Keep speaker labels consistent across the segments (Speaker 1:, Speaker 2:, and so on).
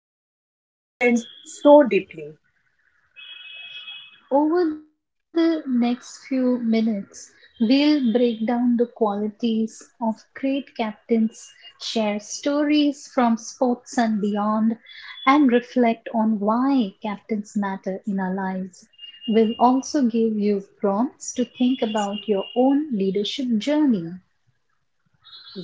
Speaker 1: connect with captains so deeply.
Speaker 2: Over the next few minutes, we'll break down the qualities of great captains, share stories from sports and beyond, and reflect on why captains matter in our lives. We'll also give you prompts to think about your own leadership journey.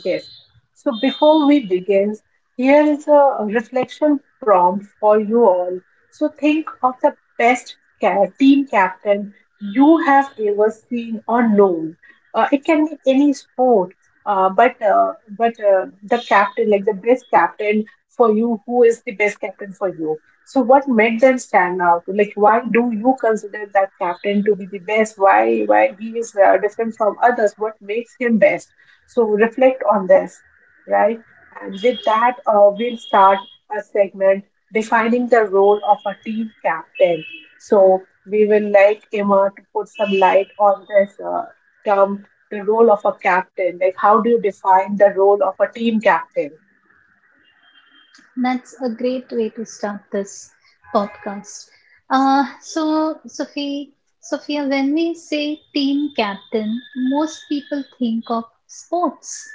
Speaker 1: Yes. So before we begin, here is a reflection prompt for you all. So think of the team captain you have ever seen or known. It can be any sport, but the captain, like the best captain for you, who is the best captain for you? So what made them stand out? Like why do you consider that captain to be the best? Why he is different from others? What makes him best? So reflect on this, right? And with that, we'll start a segment defining the role of a team captain. So we will like Emma to put some light on this term, the role of a captain. Like, how do you define the role of a team captain?
Speaker 2: That's a great way to start this podcast. So, Sophia, when we say team captain, most people think of sports,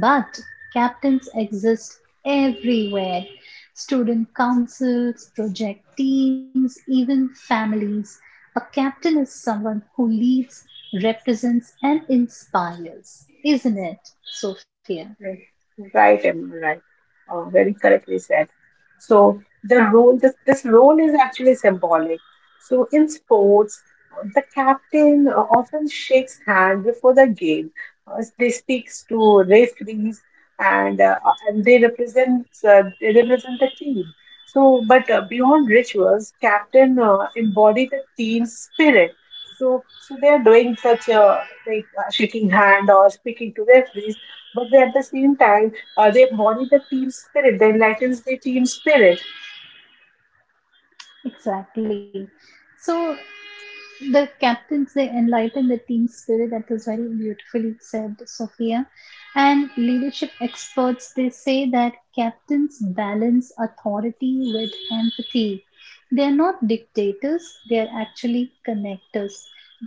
Speaker 2: but captains exist everywhere. Student councils, project teams, even families. A captain is someone who leads, represents, and inspires, isn't it, Sophia?
Speaker 1: Right, Emma, right. Very correctly said. So the role, this role is actually symbolic. So in sports, the captain often shakes hand before the game. They speaks to referees and uh, and they represent the team. So, but beyond rituals, captain embody the team's spirit. So they are doing such shaking hand or speaking to referees but they, at the same time, they embody the team spirit, they enlightens the team spirit.
Speaker 2: Exactly. So, the captains, they enlighten the team spirit. That was very beautifully said, Sophia. And leadership experts, they say that captains balance authority with empathy. They're not dictators, they're actually connectors.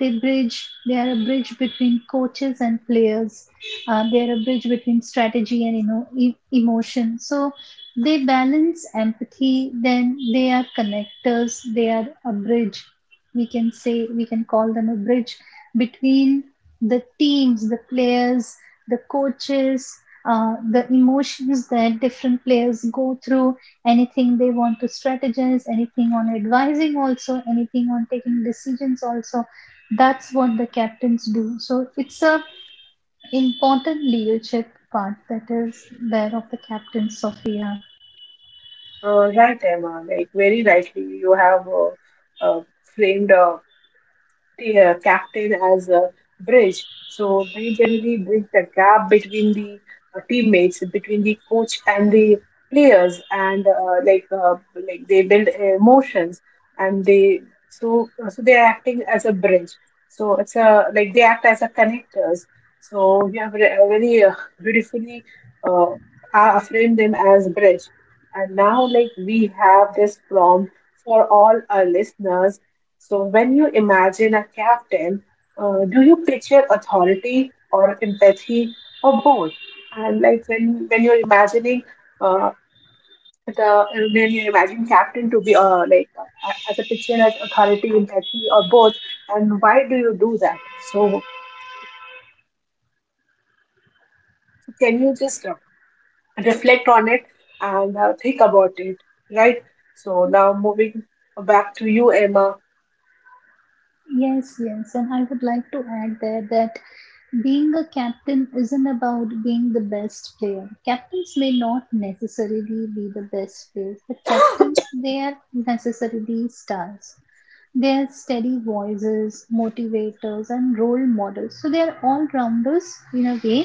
Speaker 2: They bridge, they are a bridge between coaches and players. They are a bridge between strategy and, you know, emotion. So they balance empathy, then they are connectors, they are a bridge, we can say, we can call them a bridge between the teams, the players, the coaches, the emotions that different players go through, anything they want to strategize, anything on advising also, anything on taking decisions also. That's what the captains do. So it's a important leadership part that is there of the captain, Sophia.
Speaker 1: Right, Emma, like very rightly, you have uh, uh, framed uh, the captain as a bridge. So they generally bridge the gap between the teammates, between the coach and the players, and like they build emotions, and they so they are acting as a bridge. So it's a like they act as a connectors. So you have really beautifully uh, framed them as bridge. And now, like we have this prompt for all our listeners so, when you imagine a captain, do you picture authority or empathy or both? And like when you're imagining uh, the when you imagine captain to be as a picture as authority, empathy or both, and why do you do that? So, can you just reflect on it and think about it, right? So now moving back to you, Emma.
Speaker 2: Yes, yes, and I would like to add there that being a captain isn't about being the best player. Captains may not necessarily be the best players, but captains, they are necessarily stars. They are steady voices, motivators, and role models. So they are all rounders in a way.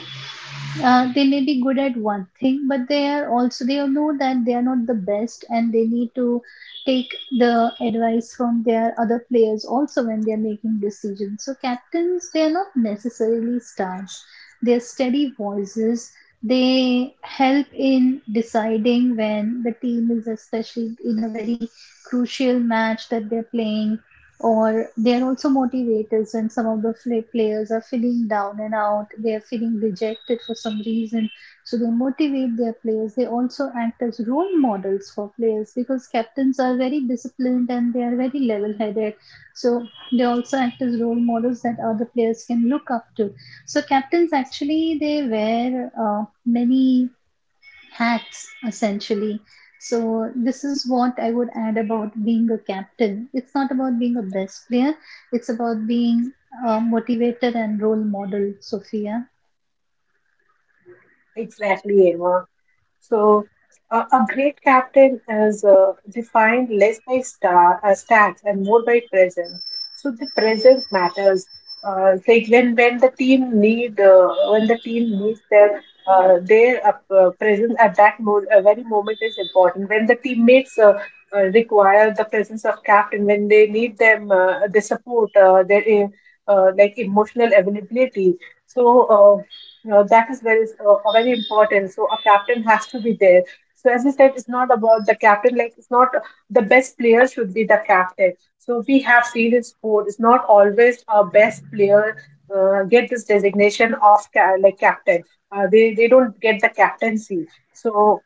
Speaker 2: They may be good at one thing, but they are also, they know that they are not the best and they need to take the advice from their other players also when they are making decisions. So captains, they are not necessarily stars, they are steady voices. They help in deciding when the team is, especially in a very crucial match that they're playing, or they're also motivators when some of the players are feeling down and out, they're feeling rejected for some reason. So they motivate their players. They also act as role models for players because captains are very disciplined and they are very level headed. So they also act as role models that other players can look up to. So captains actually, they wear many hats essentially. So this is what I would add about being a captain. It's not about being a best player, it's about being a motivator and role model, Sophia.
Speaker 1: Exactly, Emma. So, a great captain is defined less by stats and more by presence. So the presence matters. Like when the team needs their presence at that very moment is important. When the teammates require the presence of captain, when they need them, their support, their like emotional availability. So you know that is very important. So a captain has to be there. So as I said, it's not about the captain. Like it's not the best player should be the captain. So we have seen in sport, it's not always a best player get this designation of captain. They don't get the captaincy. So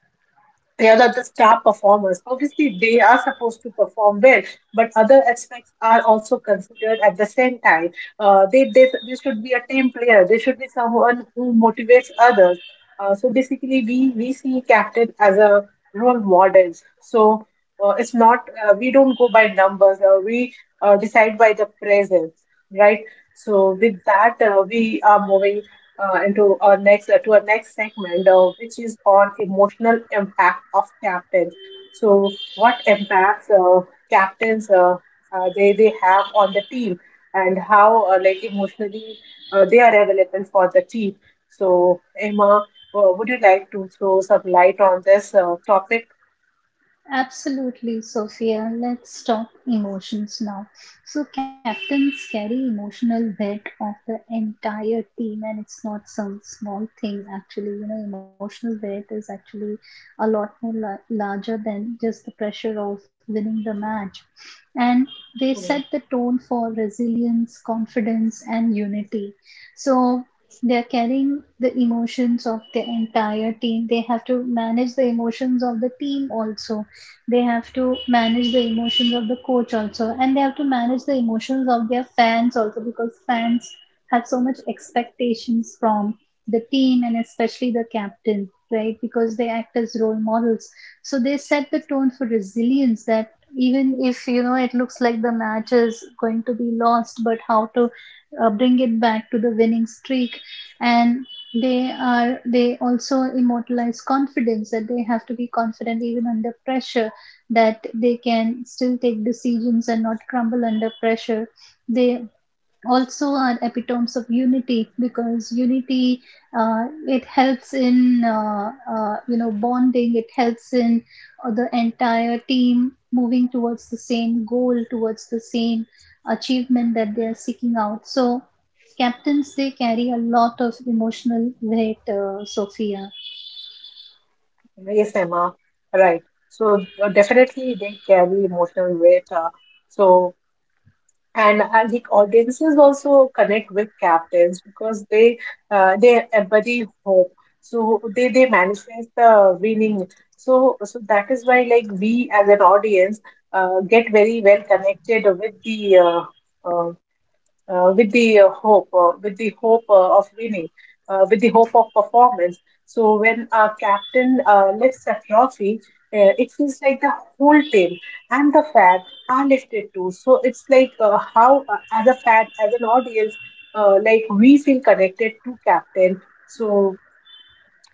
Speaker 1: they are the star performers. Obviously, they are supposed to perform well, but other aspects are also considered at the same time. They should be a team player. They should be someone who motivates others. So basically, we see captain as a role models. So it's not we don't go by numbers. We decide by the presence, right? So with that, we are moving into our next to our next segment, which is on emotional impact of captains. So, what impacts captains they have on the team, and how like emotionally they are available for the team. So, Emma, would you like to throw some light on this topic?
Speaker 2: Absolutely, Sophia. Let's talk emotions now. So, captains carry emotional weight of the entire team, and it's not some small thing. Actually, you know, emotional weight is actually a lot more larger than just the pressure of winning the match. And they
Speaker 1: Mm,
Speaker 2: set the tone for resilience, confidence, and unity. So, they're carrying the emotions of the entire team. They have to manage the emotions of the team also, they have to manage the emotions of the coach also, and they have to manage the emotions of their fans also, because fans have so much expectations from the team and especially the captain, right, because they act as role models. So they set the tone for resilience, that even if, you know, it looks like the match is going to be lost, but how to bring it back to the winning streak. And they are, they also immortalize confidence, that they have to be confident even under pressure, that they can still take decisions and not crumble under pressure. They also are epitomes of unity, because unity, it helps in, you know, bonding, it helps in the entire team moving towards the same goal, towards the same achievement that they are seeking out. So captains, they carry a lot of emotional weight, Sophia.
Speaker 1: Yes, Emma. Right. So definitely they carry emotional weight. So and I think audiences also connect with captains because they embody hope. So they manifest the winning. So that is why like we as an audience get very well connected with the uh, hope, of winning, with the hope of performance. So when our captain lifts a trophy, it feels like the whole team and the fan are lifted too. So it's like as a fan, as an audience, like we feel connected to captain. So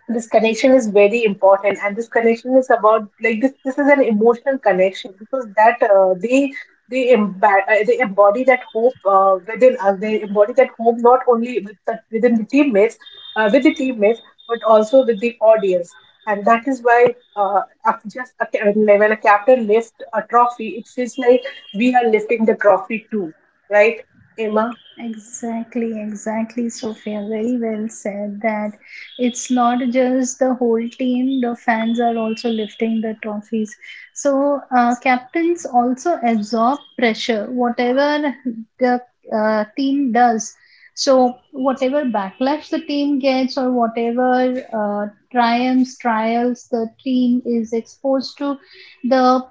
Speaker 1: this connection is very important and this connection is about like this is an emotional connection because that they, emba- they embody that hope within us. They embody that hope not only within the teammates with the teammates but also with the audience, and that is why when a captain lifts a trophy it feels like we are lifting the trophy too, right, Emma?
Speaker 2: Exactly, exactly, Sophia. Very well said that it's not just the whole team, the fans are also lifting the trophies. So, captains also absorb pressure, whatever the team does. So, whatever backlash the team gets, or whatever triumphs, trials the team is exposed to, the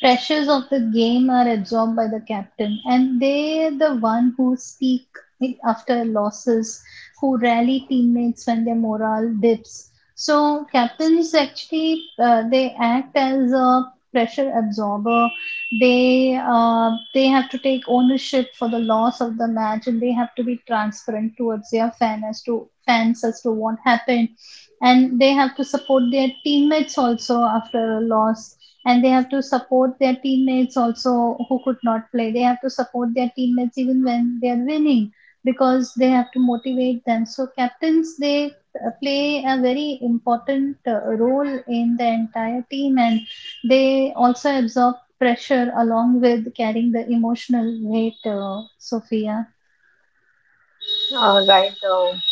Speaker 2: pressures of the game are absorbed by the captain, and they're the one who speak after losses, who rally teammates when their morale dips. So captains actually they act as a pressure absorber. They have to take ownership for the loss of the match, and they have to be transparent towards their fan, as to fans, as to what happened. And they have to support their teammates also after a loss, and they have to support their teammates also who could not play. They have to support their teammates even when they are winning, because they have to motivate them. So captains, they play a very important role in the entire team, and they also absorb pressure along with carrying the emotional weight. Sophia.
Speaker 1: uh, right um,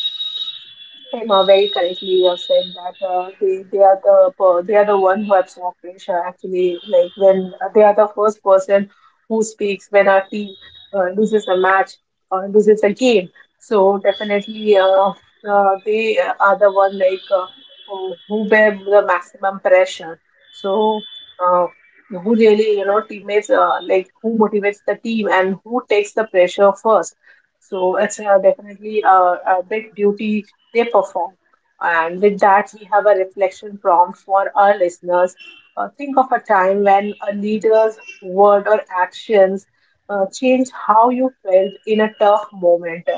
Speaker 1: Prema, very correctly you have said that they are the one who absorb pressure actually like when they are the first person who speaks when our team loses a match or loses a game. So definitely they are the one who bear the maximum pressure. So uh, who really you know teammates like who motivates the team and who takes the pressure first. So it's definitely a big duty they perform. And with that, we have a reflection prompt for our listeners. Think of a time when a leader's word or actions changed how you felt in a tough moment,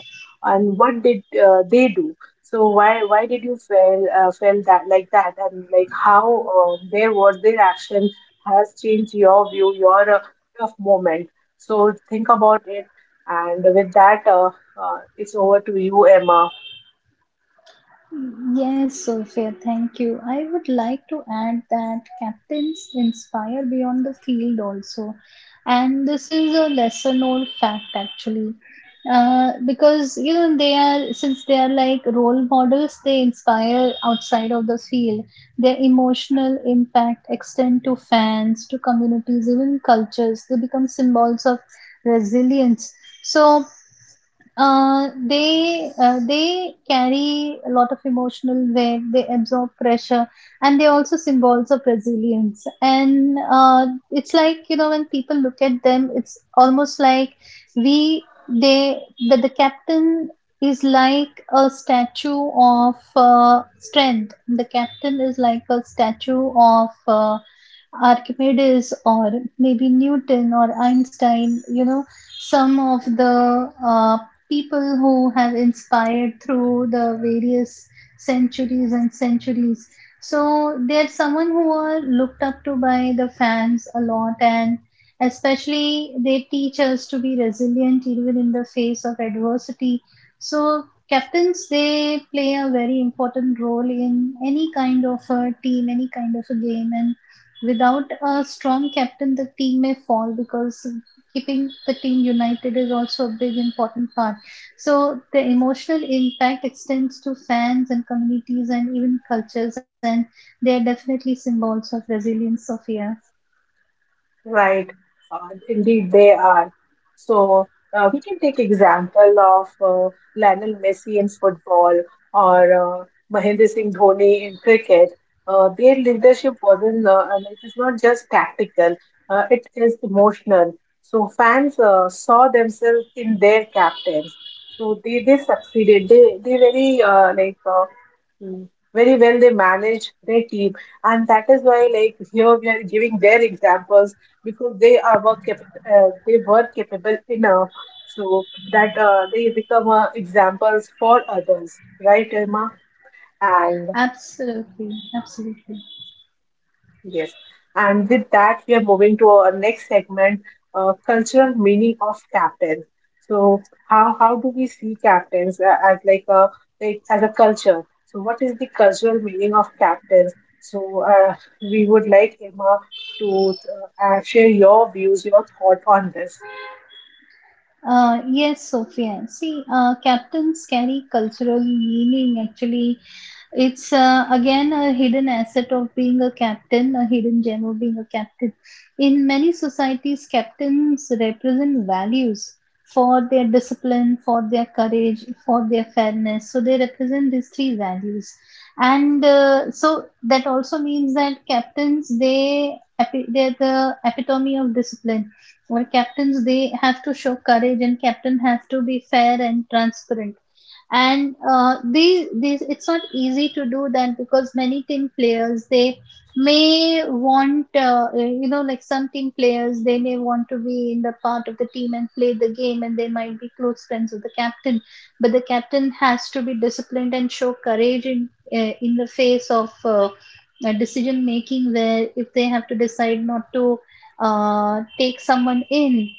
Speaker 1: and what did they do? So why did you feel felt that like that, and like how their word, their action has changed your view, your tough moment. So think about it, and with that, it's over to you, Emma.
Speaker 2: Yes, Sophia, thank you. I would like to add that captains inspire beyond the field also. And this is a lesser known fact actually. Because, you know, they are, since they are like role models, they inspire outside of the field. Their emotional impact extend to fans, to communities, even cultures. They become symbols of resilience. So they carry a lot of emotional weight. They absorb pressure, and they're also symbols of resilience. And it's like, you know, when people look at them, it's almost like we they, that the captain is like a statue of strength. The captain is like a statue of Archimedes, or maybe Newton or Einstein, you know, some of the people who have inspired through the various centuries and centuries. So they're someone who are looked up to by the fans a lot, and especially they teach us to be resilient even in the face of adversity. So captains, they play a very important role in any kind of a team, any kind of a game, and without a strong captain, the team may fall, because keeping the team united is also a big important part. So the emotional impact extends to fans and communities and even cultures, and they are definitely symbols of resilience, Sophia.
Speaker 1: Right, indeed they are. So we can take example of Lionel Messi in football or Mahendra Singh Dhoni in cricket. Their leadership wasn't, and it is not just tactical, it is emotional. So fans saw themselves in their captains. So they succeeded. They mm, very well they managed their team, and that is why like here we are giving their examples because they were capable enough so that they become examples for others, right, Irma? And
Speaker 2: Absolutely, absolutely.
Speaker 1: yes, and with that we are moving to our next segment, cultural meaning of captains. So how do we see captains as like a like as a culture, so what is the cultural meaning of captains? So we would like Emma to share your views, your thought on this.
Speaker 2: Yes, Sophia. See, captains carry cultural meaning. Actually, it's again a hidden asset of being a captain, a hidden gem of being a captain. In many societies, captains represent values for their discipline, for their courage, for their fairness. So they represent these three values, and so that also means that captains, they they're the epitome of discipline, or captains, they have to show courage, and captain have to be fair and transparent. And these, it's not easy to do that, because many team players, they may want, you know, like some team players, they may want to be in the part of the team and play the game, and they might be close friends with the captain. But the captain has to be disciplined and show courage in, in the face of decision making, where if they have to decide not to take someone in,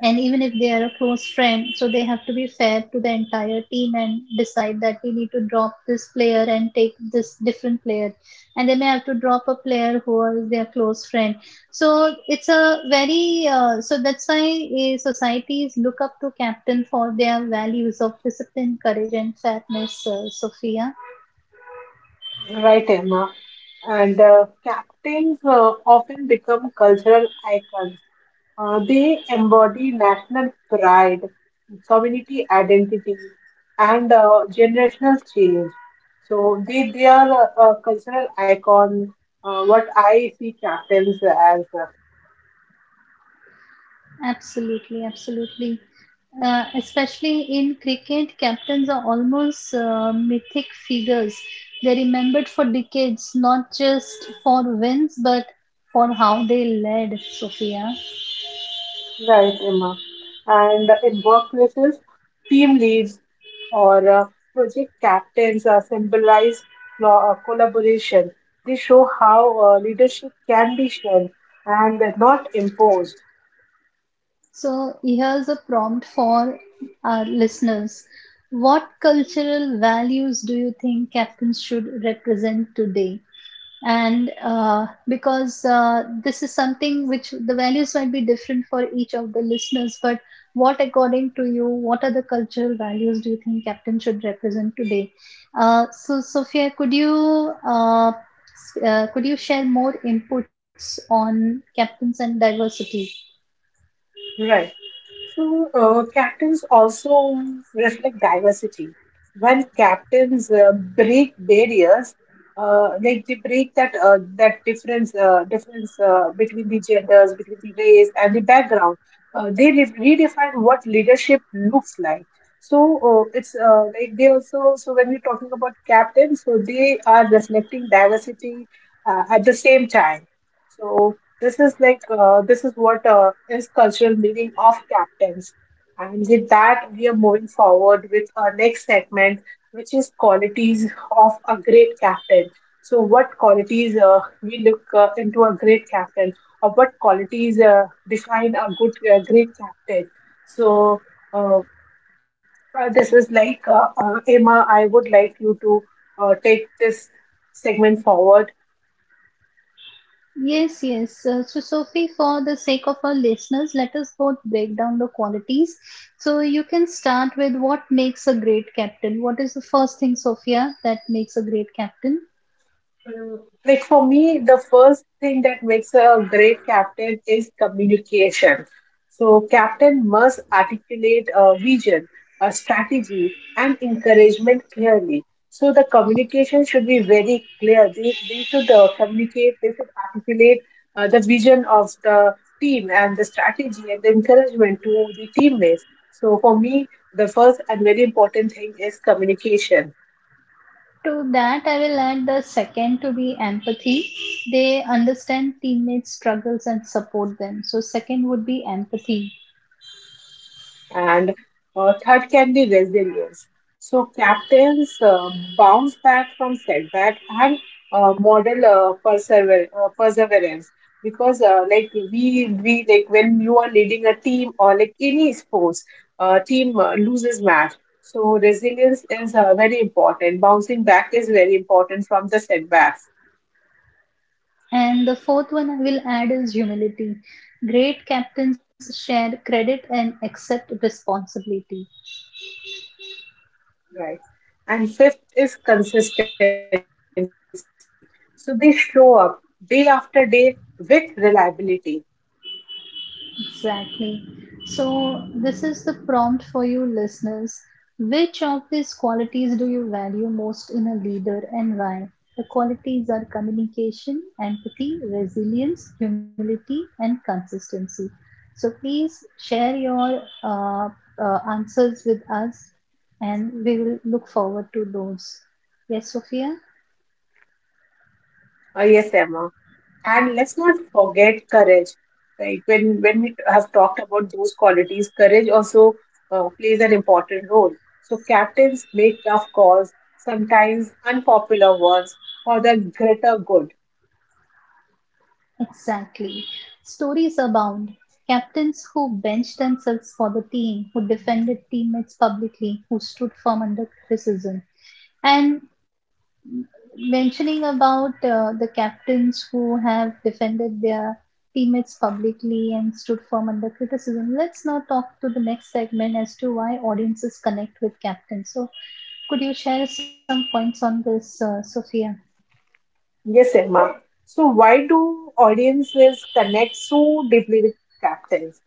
Speaker 2: and even if they are a close friend. So they have to be fair to the entire team and decide that we need to drop this player and take this different player, and they may have to drop a player who is their close friend. So it's a very so that's why societies look up to captain for their values of discipline, courage, and fairness, Sophia.
Speaker 1: Right, Emma. And captains often become cultural icons. They embody national pride, community identity, and generational change. So they are a cultural icon, what I see captains as.
Speaker 2: Absolutely, absolutely. Especially in cricket, captains are almost mythic figures. They're remembered for decades, not just for wins, but for how they led, Sophia.
Speaker 1: Right, Emma. And in workplaces, team leads or project captains symbolize collaboration. They show how leadership can be shared and not imposed.
Speaker 2: So, here's a prompt for our listeners. What cultural values do you think captains should represent today? And because this is something which the values might be different for each of the listeners, but what, according to you, what are the cultural values do you think captain should represent today? So, Sophia, could you could you share more inputs on captains and diversity?
Speaker 1: Right. So, captains also reflect diversity. When captains break barriers, like they break that difference between the genders, between the race and the background, uh, they re- redefine what leadership looks like. So it's like they also so when we're talking about captains, so they are reflecting diversity at the same time. So this is like this is what is cultural meaning of captains. And with that, we are moving forward with our next segment, which is qualities of a great captain. So, what qualities we look into a great captain, or what qualities define a great captain? So, uh, this is like Emma, I would like you to take this segment forward.
Speaker 2: Yes, yes. So, Sophie, for the sake of our listeners, let us both break down the qualities. So, you can start with what makes a great captain. What is the first thing, Sophia, that makes a great captain?
Speaker 1: Mm, Like for me, the first thing that makes a great captain is communication. So, captain must articulate a vision, a strategy, and encouragement clearly. So, the communication should be very clear. They should communicate, they should articulate the vision of the team and the strategy and the encouragement to the teammates. So, for me, the first and very important thing is communication.
Speaker 2: To that, I will add the second to be empathy. They understand teammates' struggles and support them. So, second would be empathy.
Speaker 1: And third can be resilience. So captains bounce back from setback and model perseverance, because like we like when you are leading a team or like any sports team loses match. So resilience is very important. Bouncing back is very important from the setbacks,
Speaker 2: And the fourth one I will add is humility. Great captains share credit and accept responsibility.
Speaker 1: right? And fifth is consistency. So they show up day after day with reliability.
Speaker 2: Exactly. So, this is the prompt for you listeners. Which of these qualities do you value most in a leader and why? The qualities are communication, empathy, resilience, humility, and consistency. So, please share your answers with us, and we will look forward to those. Yes, Sophia?
Speaker 1: Yes, Emma. And let's not forget courage. Like when we have talked about those qualities, courage also plays an important role. So captains make tough calls, sometimes unpopular ones, for the greater good.
Speaker 2: Exactly. Stories abound. Captains who benched themselves for the team, who defended teammates publicly, who stood firm under criticism. And mentioning about the captains who have defended their teammates publicly and stood firm under criticism, let's now talk to the next segment as to why audiences connect with captains. So, could you share some points on this, Sophia?
Speaker 1: Yes, Emma. So why do audiences connect so deeply with captains?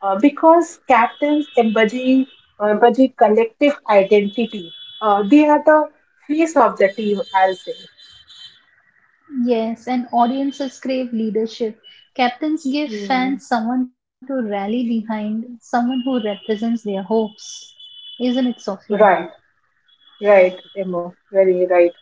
Speaker 1: Because captains embody collective identity. They are the face of the team, I'll say.
Speaker 2: Yes, and audiences crave leadership. Captains give
Speaker 1: Hmm.
Speaker 2: fans someone to rally behind, someone who represents their hopes. Isn't it, Sophia?
Speaker 1: Right, right, Emma, very right,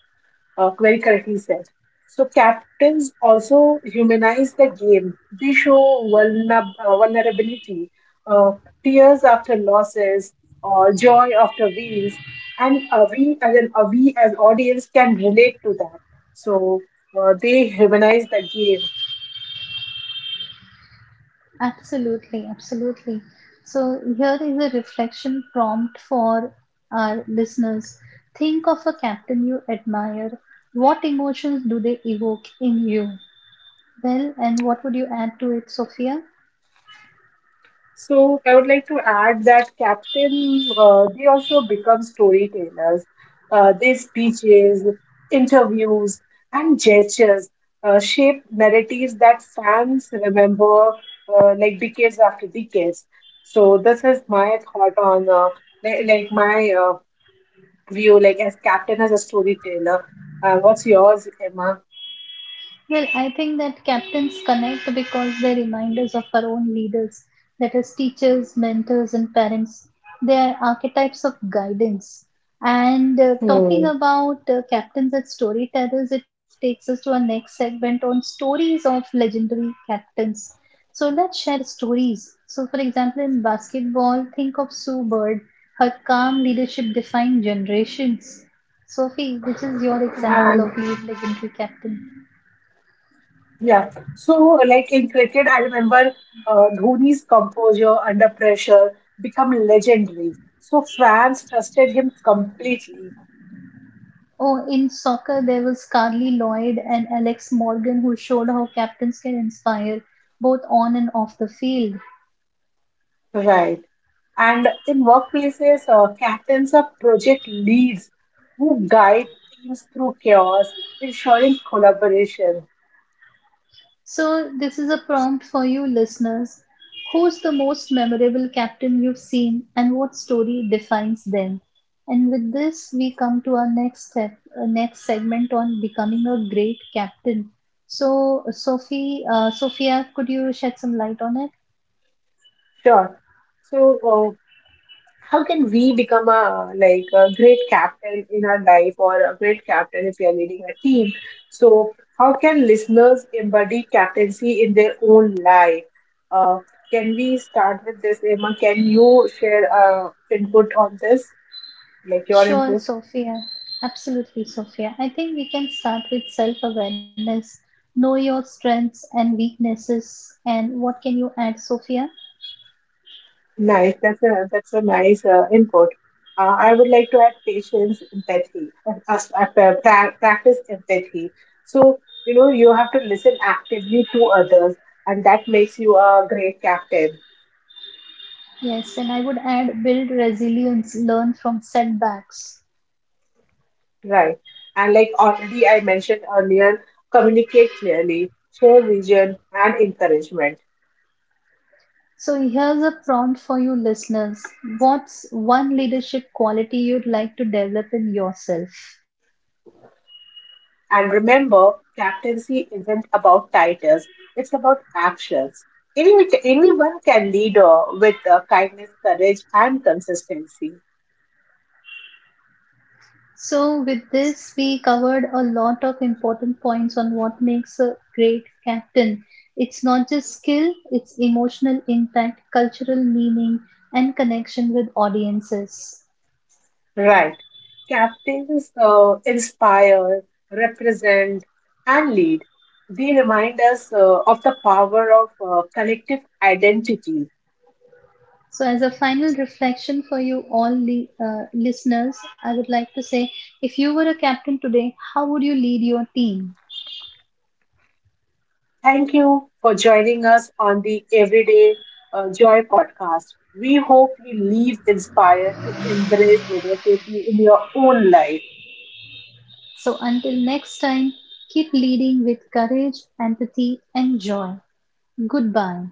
Speaker 1: very correctly said. So captains also humanize the game. They show vulnerability, uh, tears after losses, or joy after wins, and we as audience can relate to that. So they humanize the game.
Speaker 2: Absolutely, absolutely. So, here is a reflection prompt for our listeners. Think of a captain you admire. What emotions do they evoke in you? Well, and what would you add to it, Sophia?
Speaker 1: So I would like to add that captain, they also become storytellers. Their speeches, interviews, and gestures shape narratives that fans remember like decades after decades. So this is my thought on like my view, like as captain as a storyteller. What's yours, Emma?
Speaker 2: Well, I think that captains connect because they remind us of our own leaders, that is, teachers, mentors, and parents. They are archetypes of guidance. And talking
Speaker 1: Hmm.
Speaker 2: about captains and storytellers, it takes us to our next segment on stories of legendary captains. So let's share stories. So, for example, in basketball, think of Sue Bird. Her calm leadership defined generations. Sophie, which is your example of lead legendary captain?
Speaker 1: Yeah. So, like in cricket, I remember Dhoni's composure under pressure become legendary. So fans trusted him completely.
Speaker 2: Oh, in soccer, there was Carly Lloyd and Alex Morgan who showed how captains can inspire both on and off the field.
Speaker 1: Right. And in workplaces, captains are project leads who guide teams through chaos, ensuring collaboration.
Speaker 2: So, this is a prompt for you listeners. Who's the most memorable captain you've seen, and what story defines them? And with this, we come to our next step, next segment on becoming a great captain. So, Sophie, Sophia, could you shed some light on it?
Speaker 1: Sure. So, how can we become a like a great captain in our life, or a great captain if we are leading a team? So how can listeners embody captaincy in their own life? uh, can we start with this, Emma? Can you share input on this, like your
Speaker 2: Sure,
Speaker 1: input?
Speaker 2: Sophia. Absolutely, Sophia. I think we can start with self awareness. Know your strengths and weaknesses, and what can you add, Sophia?
Speaker 1: Nice. That's a nice input. I would like to add patience, empathy, and practice empathy. So you know you have to listen actively to others, and that makes you a great captain,
Speaker 2: Yes, and I would add build resilience, learn from setbacks.
Speaker 1: right? And like already I mentioned earlier, communicate clearly, share vision and encouragement.
Speaker 2: So, here's a prompt for you listeners. What's one leadership quality you'd like to develop in yourself?
Speaker 1: And remember, captaincy isn't about titles, it's about actions. Anyone can lead with kindness, courage, and consistency.
Speaker 2: So, with this, we covered a lot of important points on what makes a great captain. It's not just skill, it's emotional impact, cultural meaning, and connection with audiences.
Speaker 1: Right. Captains inspire, represent, and lead. They remind us of the power of collective identity.
Speaker 2: So, as a final reflection for you all the listeners, I would like to say, if you were a captain today, how would you lead your team?
Speaker 1: Thank you for joining us on the Everyday Joy podcast. We hope you leave inspired to embrace leadership in your own life.
Speaker 2: So, until next time, keep leading with courage, empathy, and joy. Goodbye.